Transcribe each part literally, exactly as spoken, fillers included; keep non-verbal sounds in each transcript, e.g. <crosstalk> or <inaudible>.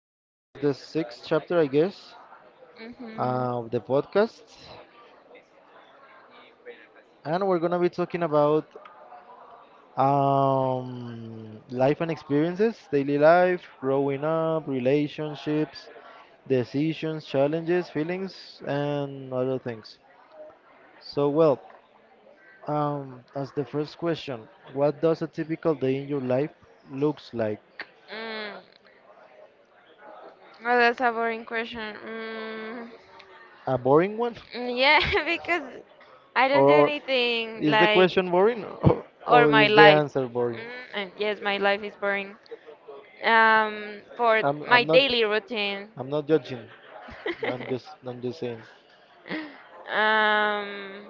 and this is the sixth chapter, I guess, Mm-hmm. uh, of the podcast. And we're gonna be talking about um, life and experiences, daily life, growing up, relationships, decisions, challenges, feelings, and other things. So, well, um, as the first question, what does a typical day in your life looks like? Mm. Well, that's a boring question. Mm. A boring one? <laughs> mm, Yeah, <laughs> because I don't do Or anything is the like question boring <laughs> or, or or my is the life. answer boring? Mm. And yes, my life is boring. Um, for I'm my I'm not. daily routine. I'm not judging. I'm just <laughs> I'm just saying. um,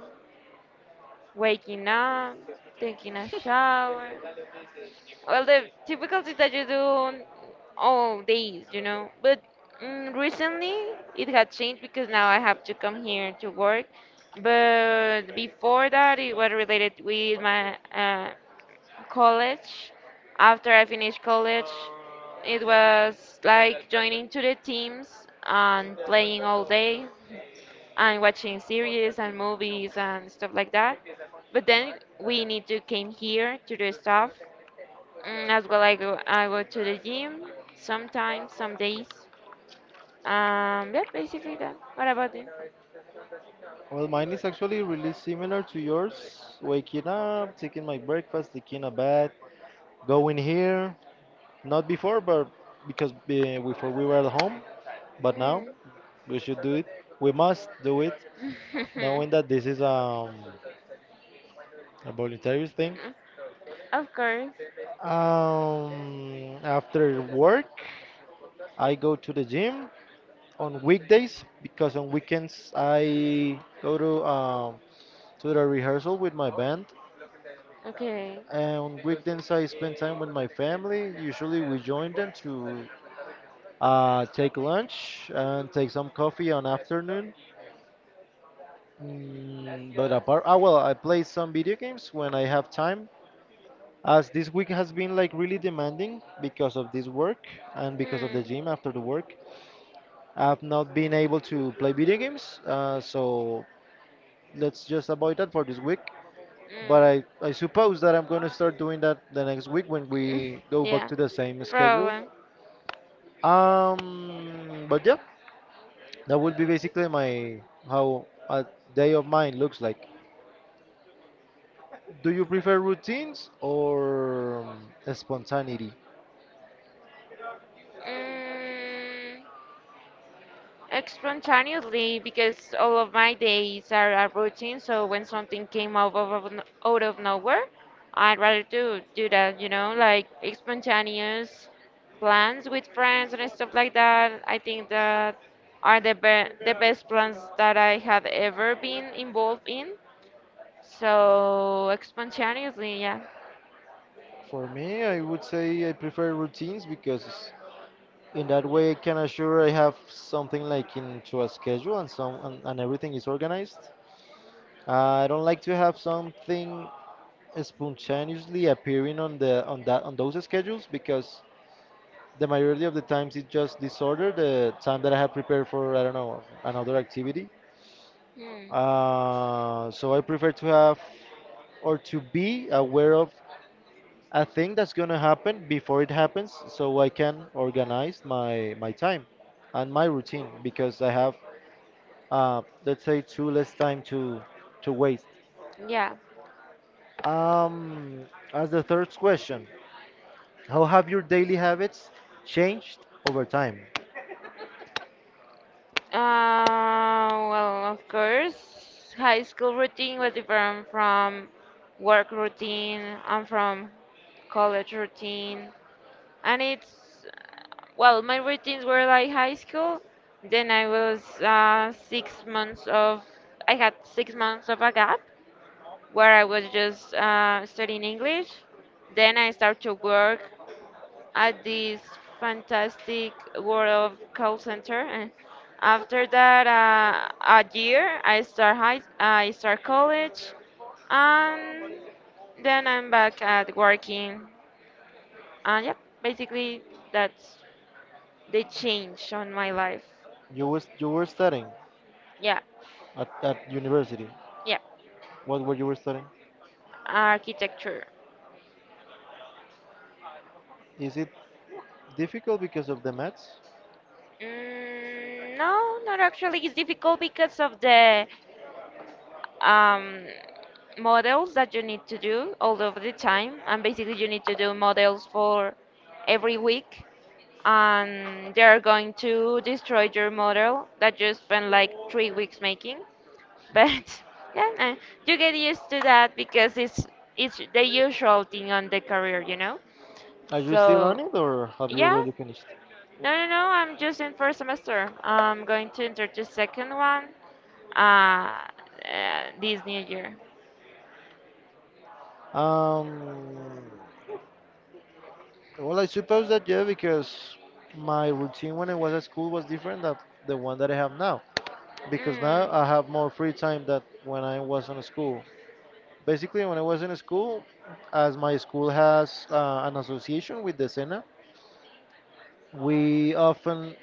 waking up, taking a shower. Well, the difficulties that you do all days, you know. But mm, recently it had changed because now I have to come here to work. But before that, it was related with my uh, college. After I finished college, it was like joining to the teams and playing all day and watching series and movies and stuff like that. But then we need to came here to do stuff. Mm, as well, I go I go to the gym sometimes, some days. Um, yeah, basically that. What about you? Well, mine is actually really similar to yours. Waking up, taking my breakfast, taking a bath, going here. Not before, but because uh, before we were at home, but now Mm. we should do it. We must do it, knowing that this is <laughs> um, a voluntary thing. Of course. Um, after work, I go to the gym on weekdays, because on weekends I go to um, to the rehearsal with my band, Okay. and on weekends I spend time with my family. Usually we join them to uh, take lunch and take some coffee on afternoon. Mm, but apart, ah well, I play some video games when I have time. As this week has been like really demanding because of this work and because of the Mm. gym after the work, I've not been able to play video games. Uh, so let's just avoid that for this week. But I, Mm. I suppose that I'm going to start doing that the next week when <laughs> we go back Yeah. to the same schedule. Problem. Um, but yeah, that would be basically my how a day of mine looks like. Do you prefer routines or um, spontaneity? Mm. Spontaneously, because all of my days are a routine, so when something came out of, of- out of nowhere, I'd rather do do that, you know, like spontaneous plans with friends and stuff like that. I think that are the be the best plans that I have ever been involved in. So spontaneously, yeah. For me, I would say I prefer routines because in that way I can assure I have something like into a schedule and some and, and everything is organized. Uh, I don't like to have something spontaneously appearing on the on that on those schedules because the majority of the times it's just disorder the time that I have prepared for I don't know another activity. Hmm. Uh, so I prefer to have or to be aware of a thing that's gonna happen before it happens, so I can organize my my time and my routine because I have uh, let's say too less time to to waste. Yeah. Um, as the third question, how have your daily habits changed over time? Uh, well, of course, high school routine was different from work routine and from college routine. And it's, well, my routines were like high school. Then I was uh, six months of, I had six months of a gap where I was just uh, studying English. Then I start to work at this fantastic world of call center. And after that, uh, a year, I start high, I start college, and then I'm back at working. And yeah, basically that's the change on my life. You was you were studying Yeah, at, at university. yeah, What were you were studying? architecture. Is it difficult because of the maths? Mm, no, not actually. It's difficult because of the um, models that you need to do all of the time, and basically you need to do models for every week, and they're going to destroy your model that you spent like three weeks making. But <laughs> yeah, uh, you get used to that because it's it's the usual thing on the career you know Are you still on So, it or have you yeah. already finished? No, no, no, I'm just in first semester. I'm going to enter the second one uh, uh this new year. Um, well, I suppose that yeah, because my routine when I was at school was different than the one that I have now. Because now Mm. I have more free time than when I was in school. Basically, when I was in school, as my school has uh, an association with the Sena. We often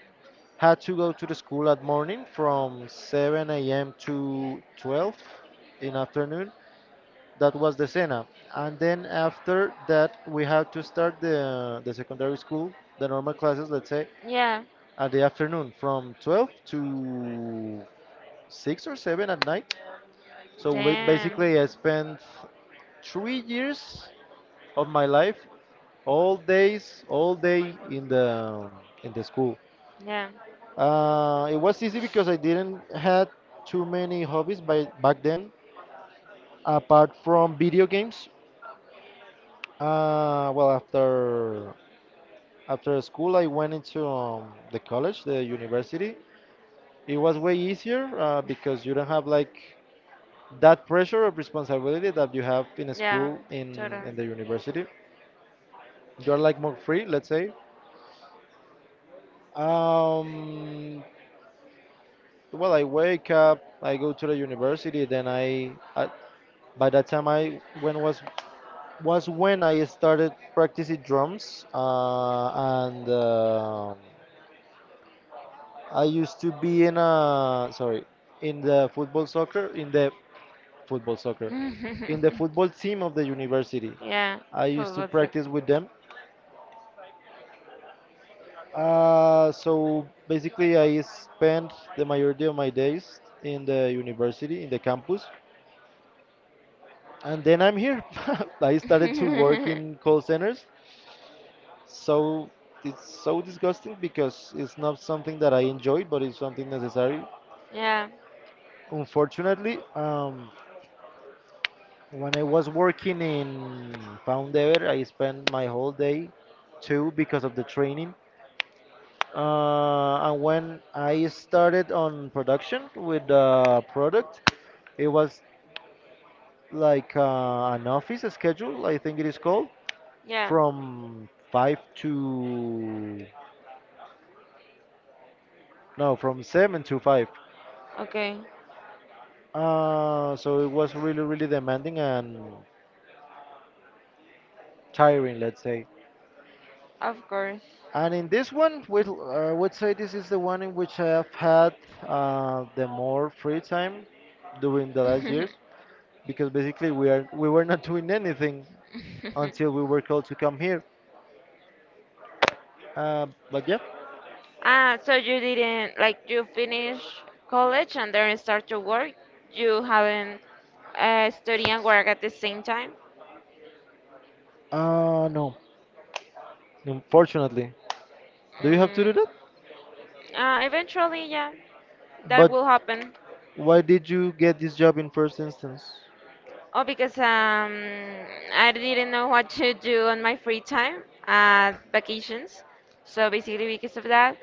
had to go to the school at morning from seven a m to twelve in afternoon. That was the cena. And then after that, we had to start the, the secondary school, the normal classes, let's say, Yeah. at the afternoon from twelve to six or seven at night. So we, Damn. basically, I spent three years of my life, all days, all day in the in the school. Yeah. Uh, it was easy because I didn't had too many hobbies by back then, apart from video games. Uh, well, after after school, I went into um, the college, the university. It was way easier uh, because you don't have like that pressure of responsibility that you have in a Yeah. school in Totally. in the university. You're like more free, let's say. Um, well, I wake up, I go to the university, then I, I by that time I when was was when I started practicing drums, uh, and um I used to be in a sorry in the football soccer in the football soccer in the football <laughs> team of the university. Yeah. I used to Football suck. practice with them. Uh, so basically, I spent the majority of my days in the university in the campus, and then I'm here. <laughs> I started to work in call centers, so it's so disgusting because it's not something that I enjoy, but it's something necessary. <laughs> Yeah. Unfortunately, um, when I was working in Poundever, I spent my whole day too because of the training. Uh, and when I started on production with the product, it was like uh, an office schedule, I think it is called, Yeah. from five to no, from seven to five. Okay. Uh, so it was really, really demanding and tiring, let's say. Of course. And in this one, we uh, would say this is the one in which I have had uh, the more free time during the last years, <laughs> because basically we are we were not doing anything until we were called to come here. Uh, but yeah, Ah, so you didn't like you finish college and then start to work. You haven't uh, study and work at the same time. uh, no, unfortunately. Do you have to Mm, do that? uh, eventually, yeah, that But will happen. why did you get this job in first instance? Oh, because um, I didn't know what to do on my free time at vacations. So basically, because of that,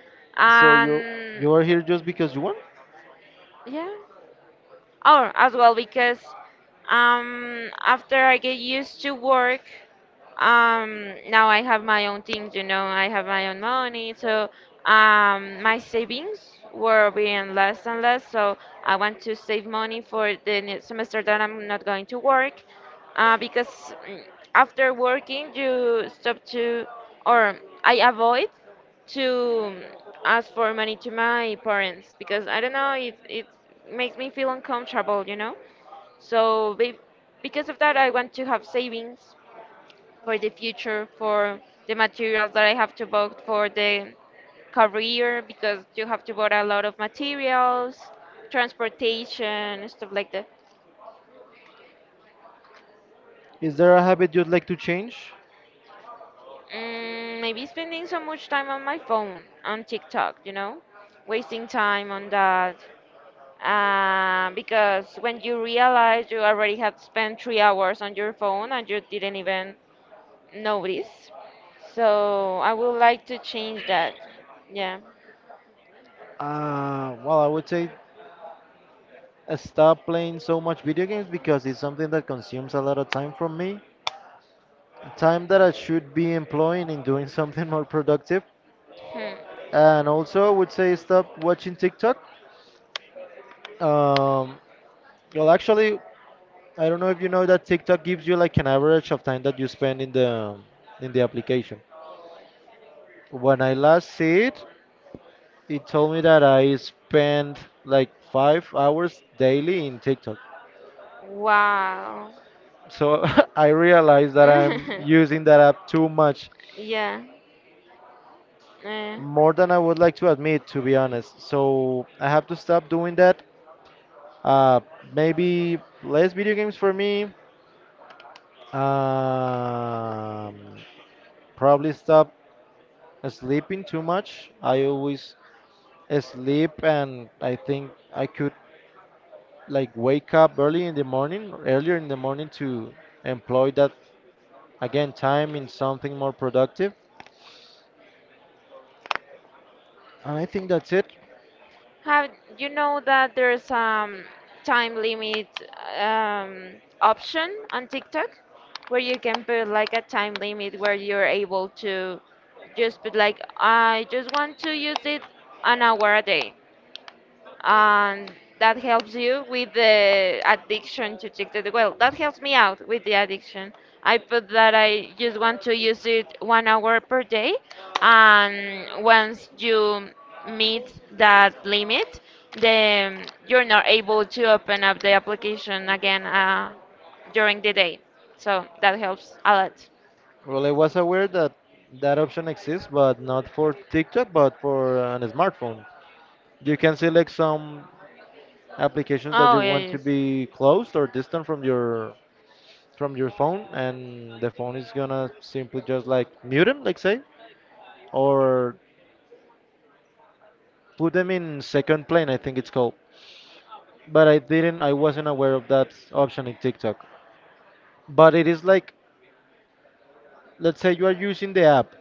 So you and you are here just because you want? yeah. Or as well because um, after I get used to work, um, now I have my own things. You know, I have my own money, so um, my savings were being less and less. So I want to save money for the ne- semester that I'm not going to work, uh, because mm, after working you stop to, or I avoid to ask for money to my parents because I don't know it it makes me feel uncomfortable, you know. So be, because of that, I want to have savings for the future, for the materials that I have to buy for the career, because you have to buy a lot of materials, transportation, stuff like that. Is there a habit you'd like to change? Mm, maybe spending so much time on my phone, on TikTok, you know, wasting time on that. Uh, because when you realize, you already had spent three hours on your phone and you didn't even notice. So I would like to change that. Yeah. Uh, well, I would say uh, stop playing so much video games because it's something that consumes a lot of time from me. Time that I should be employing in doing <laughs> something more productive. Hmm. And also, I would say stop watching TikTok. Um, well, actually, I don't know if you know that TikTok gives you like an average of time that you spend in the in the application. When I last see it, it told me that I spend like five hours daily in TikTok. Wow. So <laughs> I realize that I'm <laughs> using that app too much, Yeah. Eh. more than I would like to admit, to be honest. So I have to stop doing that. Uh, Maybe less video games for me. Um, Probably stop sleeping too much. I always sleep, and I think I could like wake up early in the morning, or earlier in the morning to employ that again time in something more productive. And I think that's it. Have you know that there's um time limit um option on TikTok where you can put like a time limit where you're able to just put like I just want to use it an hour a day, and that helps you with the addiction to TikTok? Well, that helps me out with the addiction. I put that I just want to use it one hour per day, and once you meet that limit, then you're not able to open up the application again uh, during the day. So that helps a lot. Well, I was aware that that option exists, but not for TikTok, but for an smartphone. You can select some applications that Oh, you yeah, want to yes. be closed or distant from your from your phone, and the phone is gonna simply just like mute them, like say, or put them in second plane. I think it's called. But I didn't, I wasn't aware of that option in TikTok. But it is like, let's say you are using the app,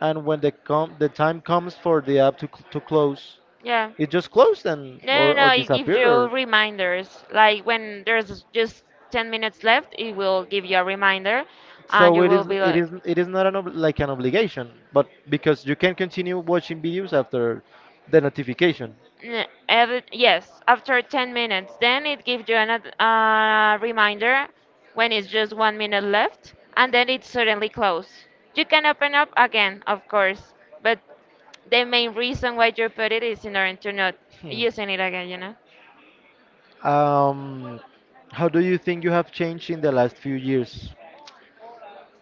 and when the com the time comes for the app to cl to close, Yeah. it just closed and or No, no, or no, it gives disappeared you or reminders. Like when there's just ten minutes left, it will give you a reminder, and so you it will is be it like, is it is not an ob- like an obligation, but because you can continue watching videos after the notification. "N- every, yes, after ten minutes." Then it gives you another uh, reminder when it's just one minute left, and then it suddenly closes. You can open up again, of course, but the main reason why you put it is in order to not <laughs> using it again, you know? Um, how do you think you have changed in the last few years?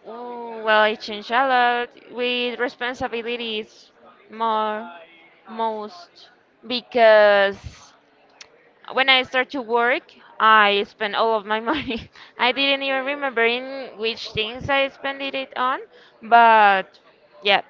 Oh, well, I changed a lot with responsibilities, more, most, because when I start to work, I spend all of my <laughs> money. I didn't even remember in which things I spent it on, but yeah.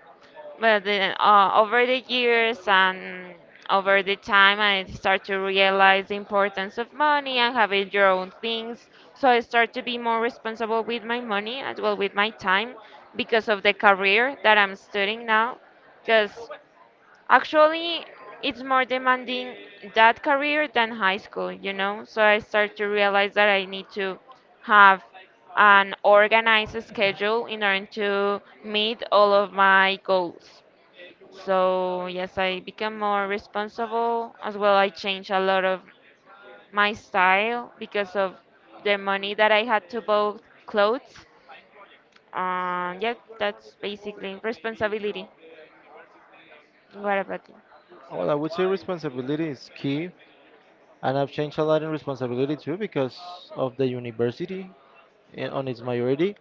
But then, uh, over the years and over the time, I start to realize the importance of money and having your own things. So I start to be more responsible with my money, as well with my time, because of the career that I'm studying now. Because Actually, it's more demanding that career than high school, you know? So I start to realize that I need to have an organized schedule in order to meet all of my goals. So, yes, I become more responsible as well. I change a lot of my style because of the money that I had to buy clothes. Um, yeah, that's basically responsibility. What about you? Well, I would say responsibility is key, and I've changed a lot in responsibility too because of the university I- on its majority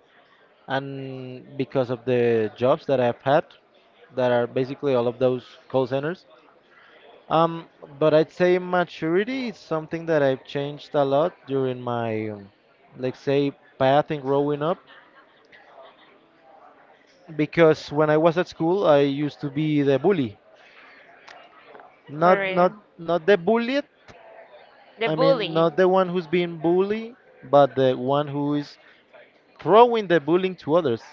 and because of the jobs that I've had that are basically all of those call centers. Um, but I'd say maturity is something that I've changed a lot during my, um, let's say, path in growing up because when I was at school, I used to be the bully. For. Not not not the bullied. The I mean, bully. not the one who's being bullied, but the one who is throwing the bullying to others.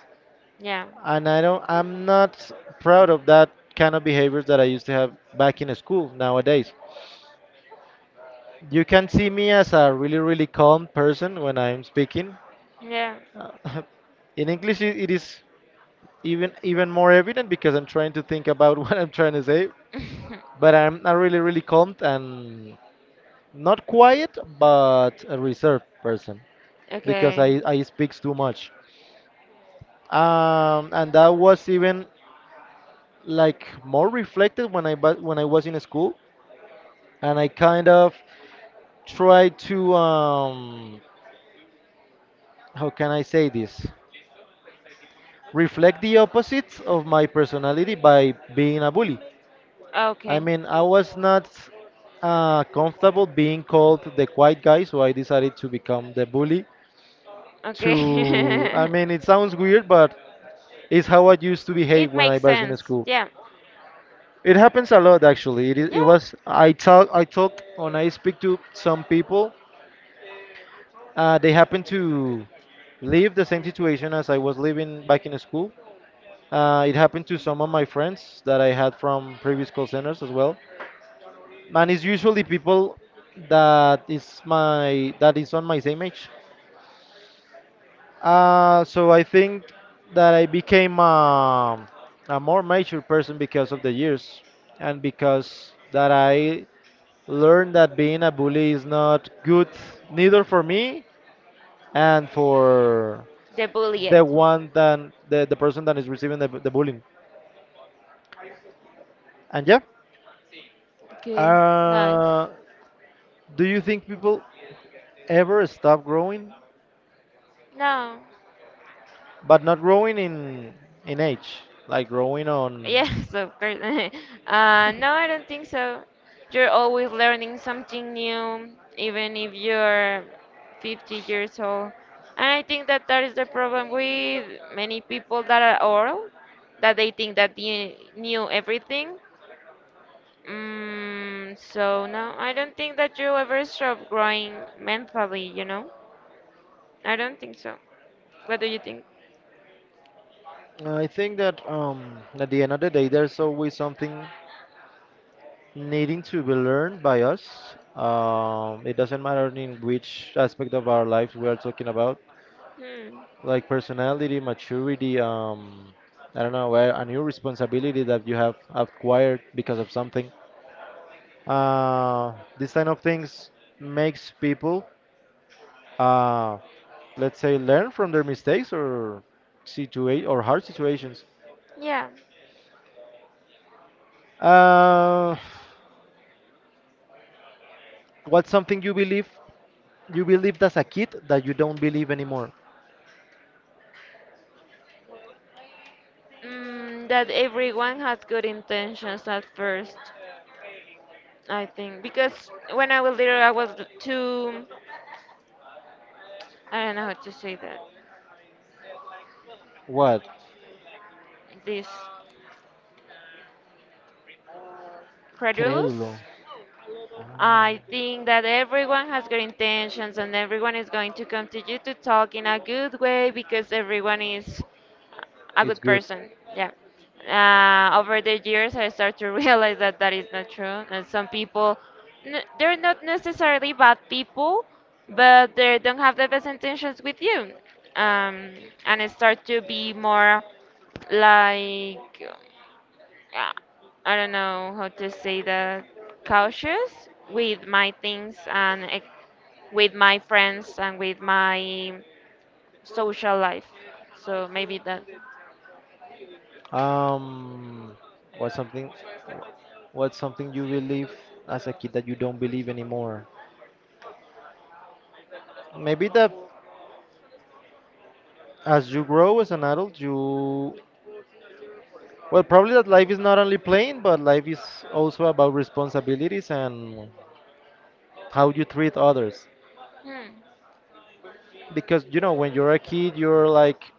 Yeah. And I don't. I'm not proud of that kind of behaviors that I used to have back in school. Nowadays, you can see me as a really really calm person when I'm speaking. Yeah. Uh, <laughs> in English, it it is even even more evident because I'm trying to think about <laughs> what I'm trying to say. <laughs> But I'm a really really calm and not quiet, but a reserved person. Because I, Okay. I speak too much. Um, and that was even like more reflected when I bu- when I was in school, and I kind of tried to um, how can I say this? Reflect the opposites of my personality by being a bully. I Okay. mean, I was not uh, comfortable being called the quiet guy, so I decided to become the bully. To I Okay. <laughs> mean, it sounds weird, but it's how I used to behave It when I makes was in sense. school. Yeah. It happens a lot actually. It, I- it Yeah. was I talk I talk when I speak to some people. Uh, they happen to live the same situation as I was living back in school. Uh, it happened to some of my friends that I had from previous call centers as well. And it's usually people that is my that is on my same age. Uh, so I think that I became um a more mature person because of the years and because that I learn that being a bully is not good, neither for me and for The bullied. the one that the, the person that is receiving the, the bullying. And yeah, Okay. Nice. uh, do you think people ever stop growing, No. but not growing in in age, like growing on. Yes, of course. <laughs> uh, no, I don't think so. You're always learning something new, even if you're fifty years old. And I think that that is the problem with many people that are old, that they think that they knew everything. Mm, so no, I don't think that you ever stop growing mentally, you know? I don't think so. What do you think? I think that um at the end of the day there's always something needing to be learned by us. Um it doesn't matter in which aspect of our lives we are talking about, Hmm. like personality, maturity, um, I don't know, a a new responsibility that you have acquired because of something. Uh, this kind of things makes people, uh, let's say, learn from their mistakes or situa- or hard situations. Yeah. Uh, what's something you believe you believed as a kid that you don't believe anymore? Mm, that everyone has good intentions at first. I think because when I was little, I was too, I don't know how to say that, What? this, credulous. Crédulo. Ah. I think that everyone has good intentions and everyone is going to continue to talk in a good way because everyone is a It's good good. person. Yeah. Uh, over the years, I start to <laughs> realize that that is not true. And some people, n- they're not necessarily bad people, but they don't have the best intentions with you. Um, and I start to be more like, uh, I don't know how to say that, cautious with my things and ex- with my friends and with my social life. So maybe that. Um, what's something, wh- what's something you believe as a kid that you don't believe anymore? Maybe that as you grow as an adult, you, well, probably that life is not only playing, but life is also about responsibilities and how you treat others. Hmm. Because, you know, when you're a kid, you're like,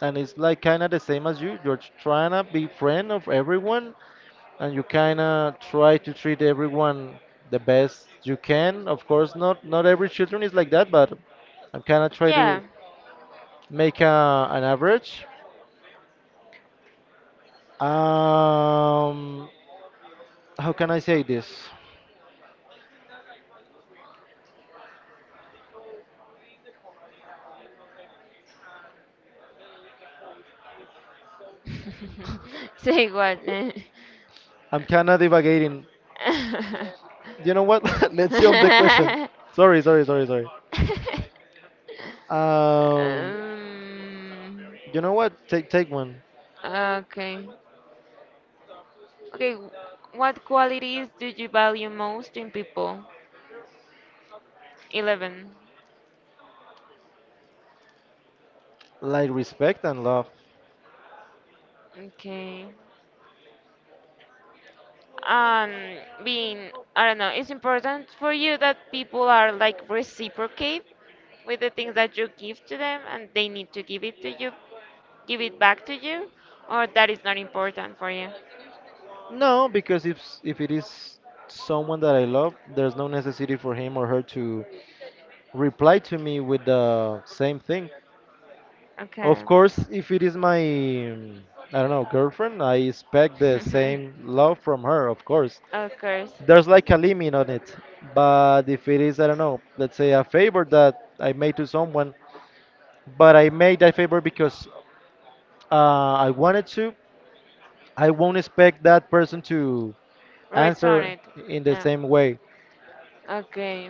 and it's like kind of the same as you, you're trying to be friend of everyone, and you kind of try to treat everyone the best you can. Of course, not not every children is like that, but I'm kind of try to Yeah. make a, an average. Um, how can I say this? <laughs> Say what? Eh? I'm kind of divagating. You know what? <laughs> Let's jump the question. <laughs> Sorry, sorry, sorry, sorry. Um, um, you know what? Take take one. okay. Okay. w- What qualities do you value most in people? Eleven. Like respect and love. Okay. um being, I don't know, it's important for you that people are like reciprocate with the things that you give to them, and they need to give it to you, give it back to you, or that is not important for you? No, because if s- if it is someone that I love, there's no necessity for him or her to reply to me with the same thing. Of Okay. course, if it is my, mm, I don't know, girlfriend, I expect the <laughs> same love from her, of course. Of course. There's like a limit on it. But if it is, I don't know, let's say, a favor that I made to someone, but I made that favor because uh, I wanted to, I won't expect that person to Return answer it. in the Yeah. same way. Okay.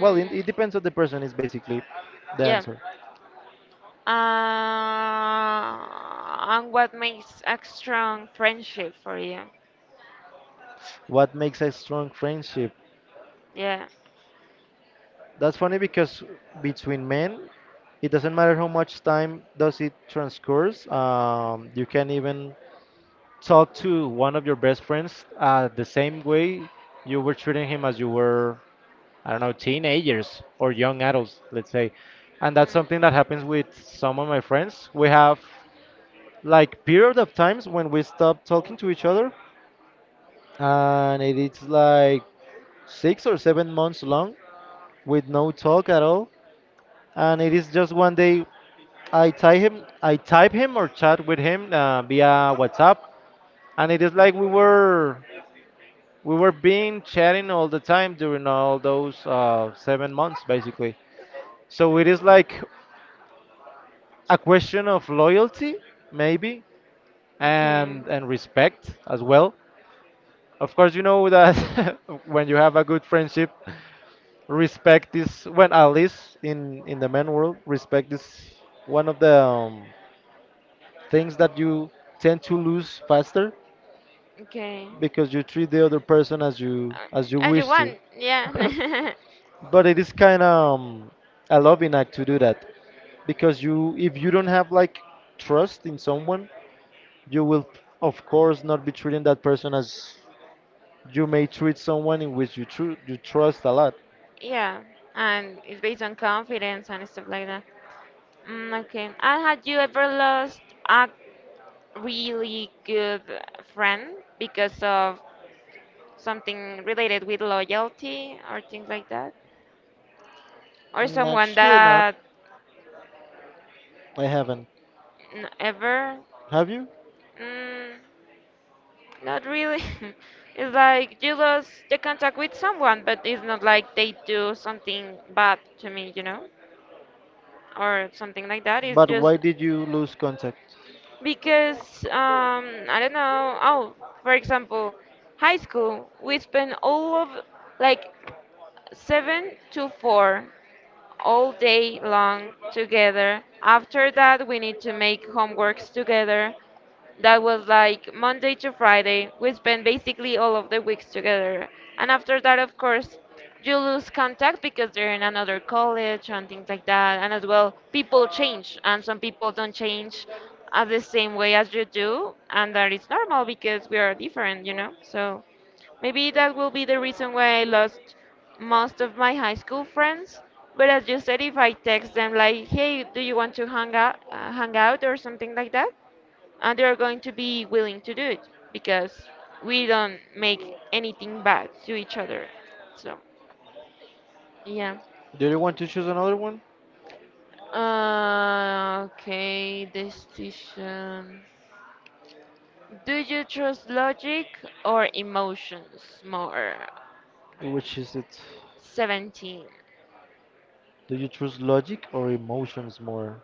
Well, it, it depends on the person, is basically the yeah. answer. Uh, and what makes a strong friendship for you? What makes a strong friendship? Yeah. That's funny because between men, it doesn't matter how much time does it transcourse. Um, you can even talk to one of your best friends uh, the same way you were treating him as you were, I don't know, teenagers or young adults, let's say. And that's something Mm, that happens with some of my friends. We have like period of times when we stop talking to each other, and it is like six or seven months long with no talk at all. And it is just one day I type him, I type him or chat with him uh, via WhatsApp, and it is like we were we were being chatting all the time during all those uh, seven months, basically. So it is like a question of loyalty, maybe, okay. and and respect as well. Of course, you know that <laughs> when you have a good friendship, respect is, when at least in in the men world, respect is one of the um, things that you tend to lose faster Okay. because you treat the other person as you Uh, as you As you wish to. want, yeah. <laughs> <laughs> But it is kind of um, a loving act to do that because you if you don't have like trust in someone, you will of course not be treating that person as you may treat someone in which you tru- you trust a lot. Yeah, and it's based on confidence and stuff like that. Mm, okay. And had you ever lost a really good friend because of something related with loyalty or things like that? Or Mm. someone Actually, not. that I haven't. n- ever? Have you? Mm, not really. <laughs> It's like you lost the contact with someone, but it's not like they do something bad to me, you know? Or something like that. It's But why just did you lose contact? because um, I don't know. Oh, for example, high school, we spend all of like seven to four all day long together. After that, we need to make homeworks together. That was like Monday to Friday. We spent basically all of the weeks together. And after that, of course, you lose contact because they're in another college and things like that. And as well, people change, and some people don't change at the same way as you do. And that is normal because we are different, you know? So. Maybe that will be the reason why I lost most of my high school friends. But as you said, if I text them like, "Hey, do you want to hang out, uh, hang out or something like that?" And they're going to be willing to do it because we don't make anything bad to each other. So, yeah. Do you want to choose another one? Uh, okay, decision. Do you trust logic or emotions more? Which is it? seventeen. Do you choose logic or emotions more?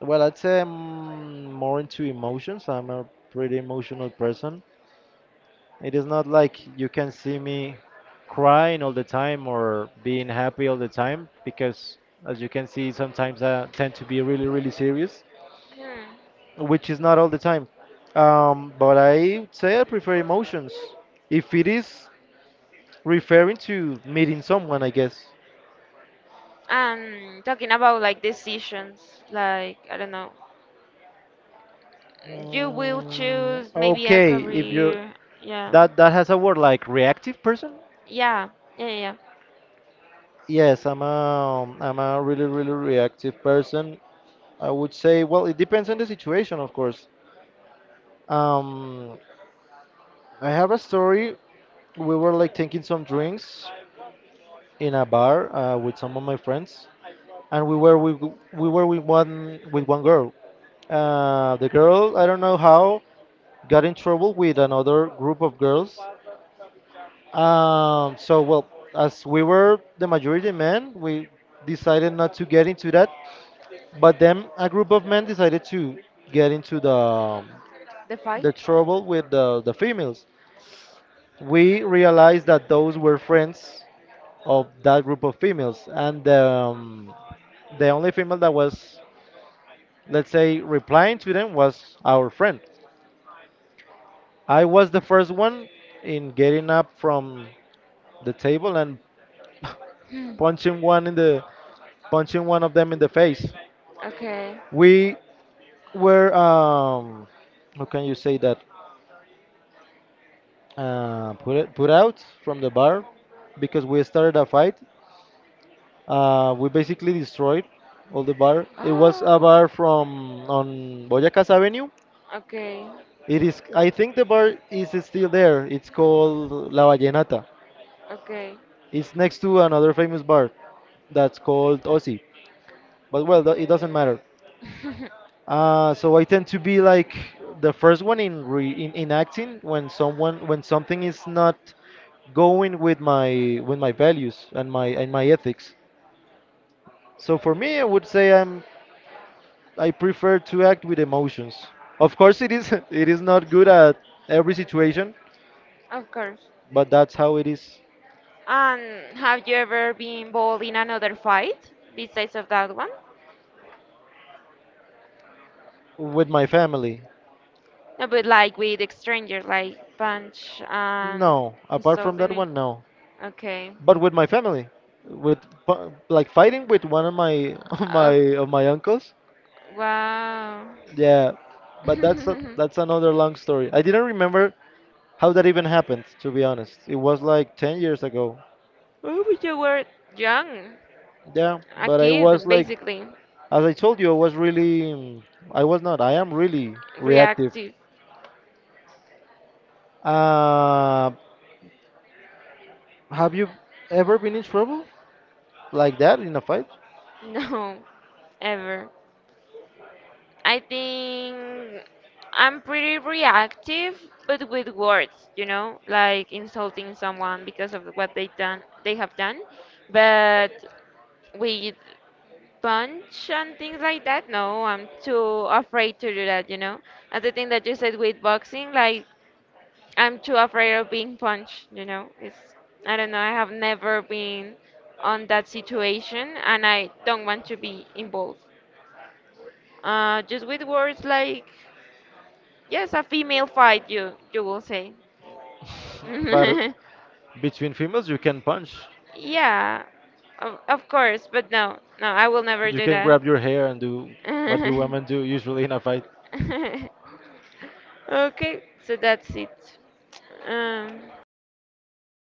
Well, I'd say I'm more into emotions. I'm a pretty emotional person. It is not like you can see me crying all the time or being happy all the time because, as you can see, sometimes I tend to be really, really serious, Hmm. which is not all the time. Um, but I would say I prefer emotions. If it is referring to meeting someone, I guess. And talking about like decisions, like I don't know, you will Mm, choose maybe a okay, if you career. Yeah, that that has a word like reactive person. yeah, yeah, yeah, yeah. Yes, I'm a I'm a really, really reactive person. I would say, well, it depends on the situation, of course. Um, I have a story. We were like taking some drinks in a bar uh, with some of my friends, and we were with, we were with one with one girl. Uh, the girl, I don't know how, got in trouble with another group of girls. Um, so well, as we were the majority men, we decided not to get into that. But then a group of men decided to get into the um, The fight. the trouble with the, the females. We realized that those were friends of that group of females, and um, the only female that was, let's say, replying to them was our friend. I was the first one in getting up from the table and Hmm. punching one in the punching one of them in the face. Okay. We were, um, how can you say that? Uh, put it, put out from the bar because we started a fight. Uh, we basically destroyed all the bar. It was a <gasps> bar from on Boyacás Avenue. Okay. It is, I think, the bar is still there. It's called La Vallenata. Okay. It's next to another famous bar that's called Osi. But well, tho- it doesn't matter. <laughs> Uh, so I tend to be like the first one in re in, in acting when someone when something is not going with my with my values and my and my ethics. So for me, I would say I'm I prefer to act with emotions. Of course, it is <laughs> it is not good at every situation, Of course. but that's how it is And have you ever been involved in another fight besides of that one? with my family. No, but like with strangers, like punch and No, apart from insulting that it. one, no. Okay. But with my family, with pu- like fighting with one of my <laughs> of my Oh, of my uncles. wow. Yeah, <laughs> but that's a, Oh, that's another long story. I didn't remember how that even happened, to be honest. It was like ten years ago. but you were young, Yeah, a but I was kid, like, basically. as I told you, I was really, mm, I was not, I am really reactive. Reactive. <laughs> Uh, have you ever been in trouble like that in a fight? No, ever. I think I'm pretty reactive, but with words, you know, like insulting someone because of what they done, they have done. But with punch and things like that, no, I'm too afraid to do that, you know. And the thing that you said with boxing, like I'm too afraid of being punched, you know. It's, I don't know, I have never been on that situation and I don't want to be involved. Uh just with words, like yes, a female fight you you will say. But <laughs> between females, you can punch. Yeah. Of, of course, but no. No, I will never You do can that. grab your hair and do what you women do usually in a fight. <laughs> Okay, so that's it. Um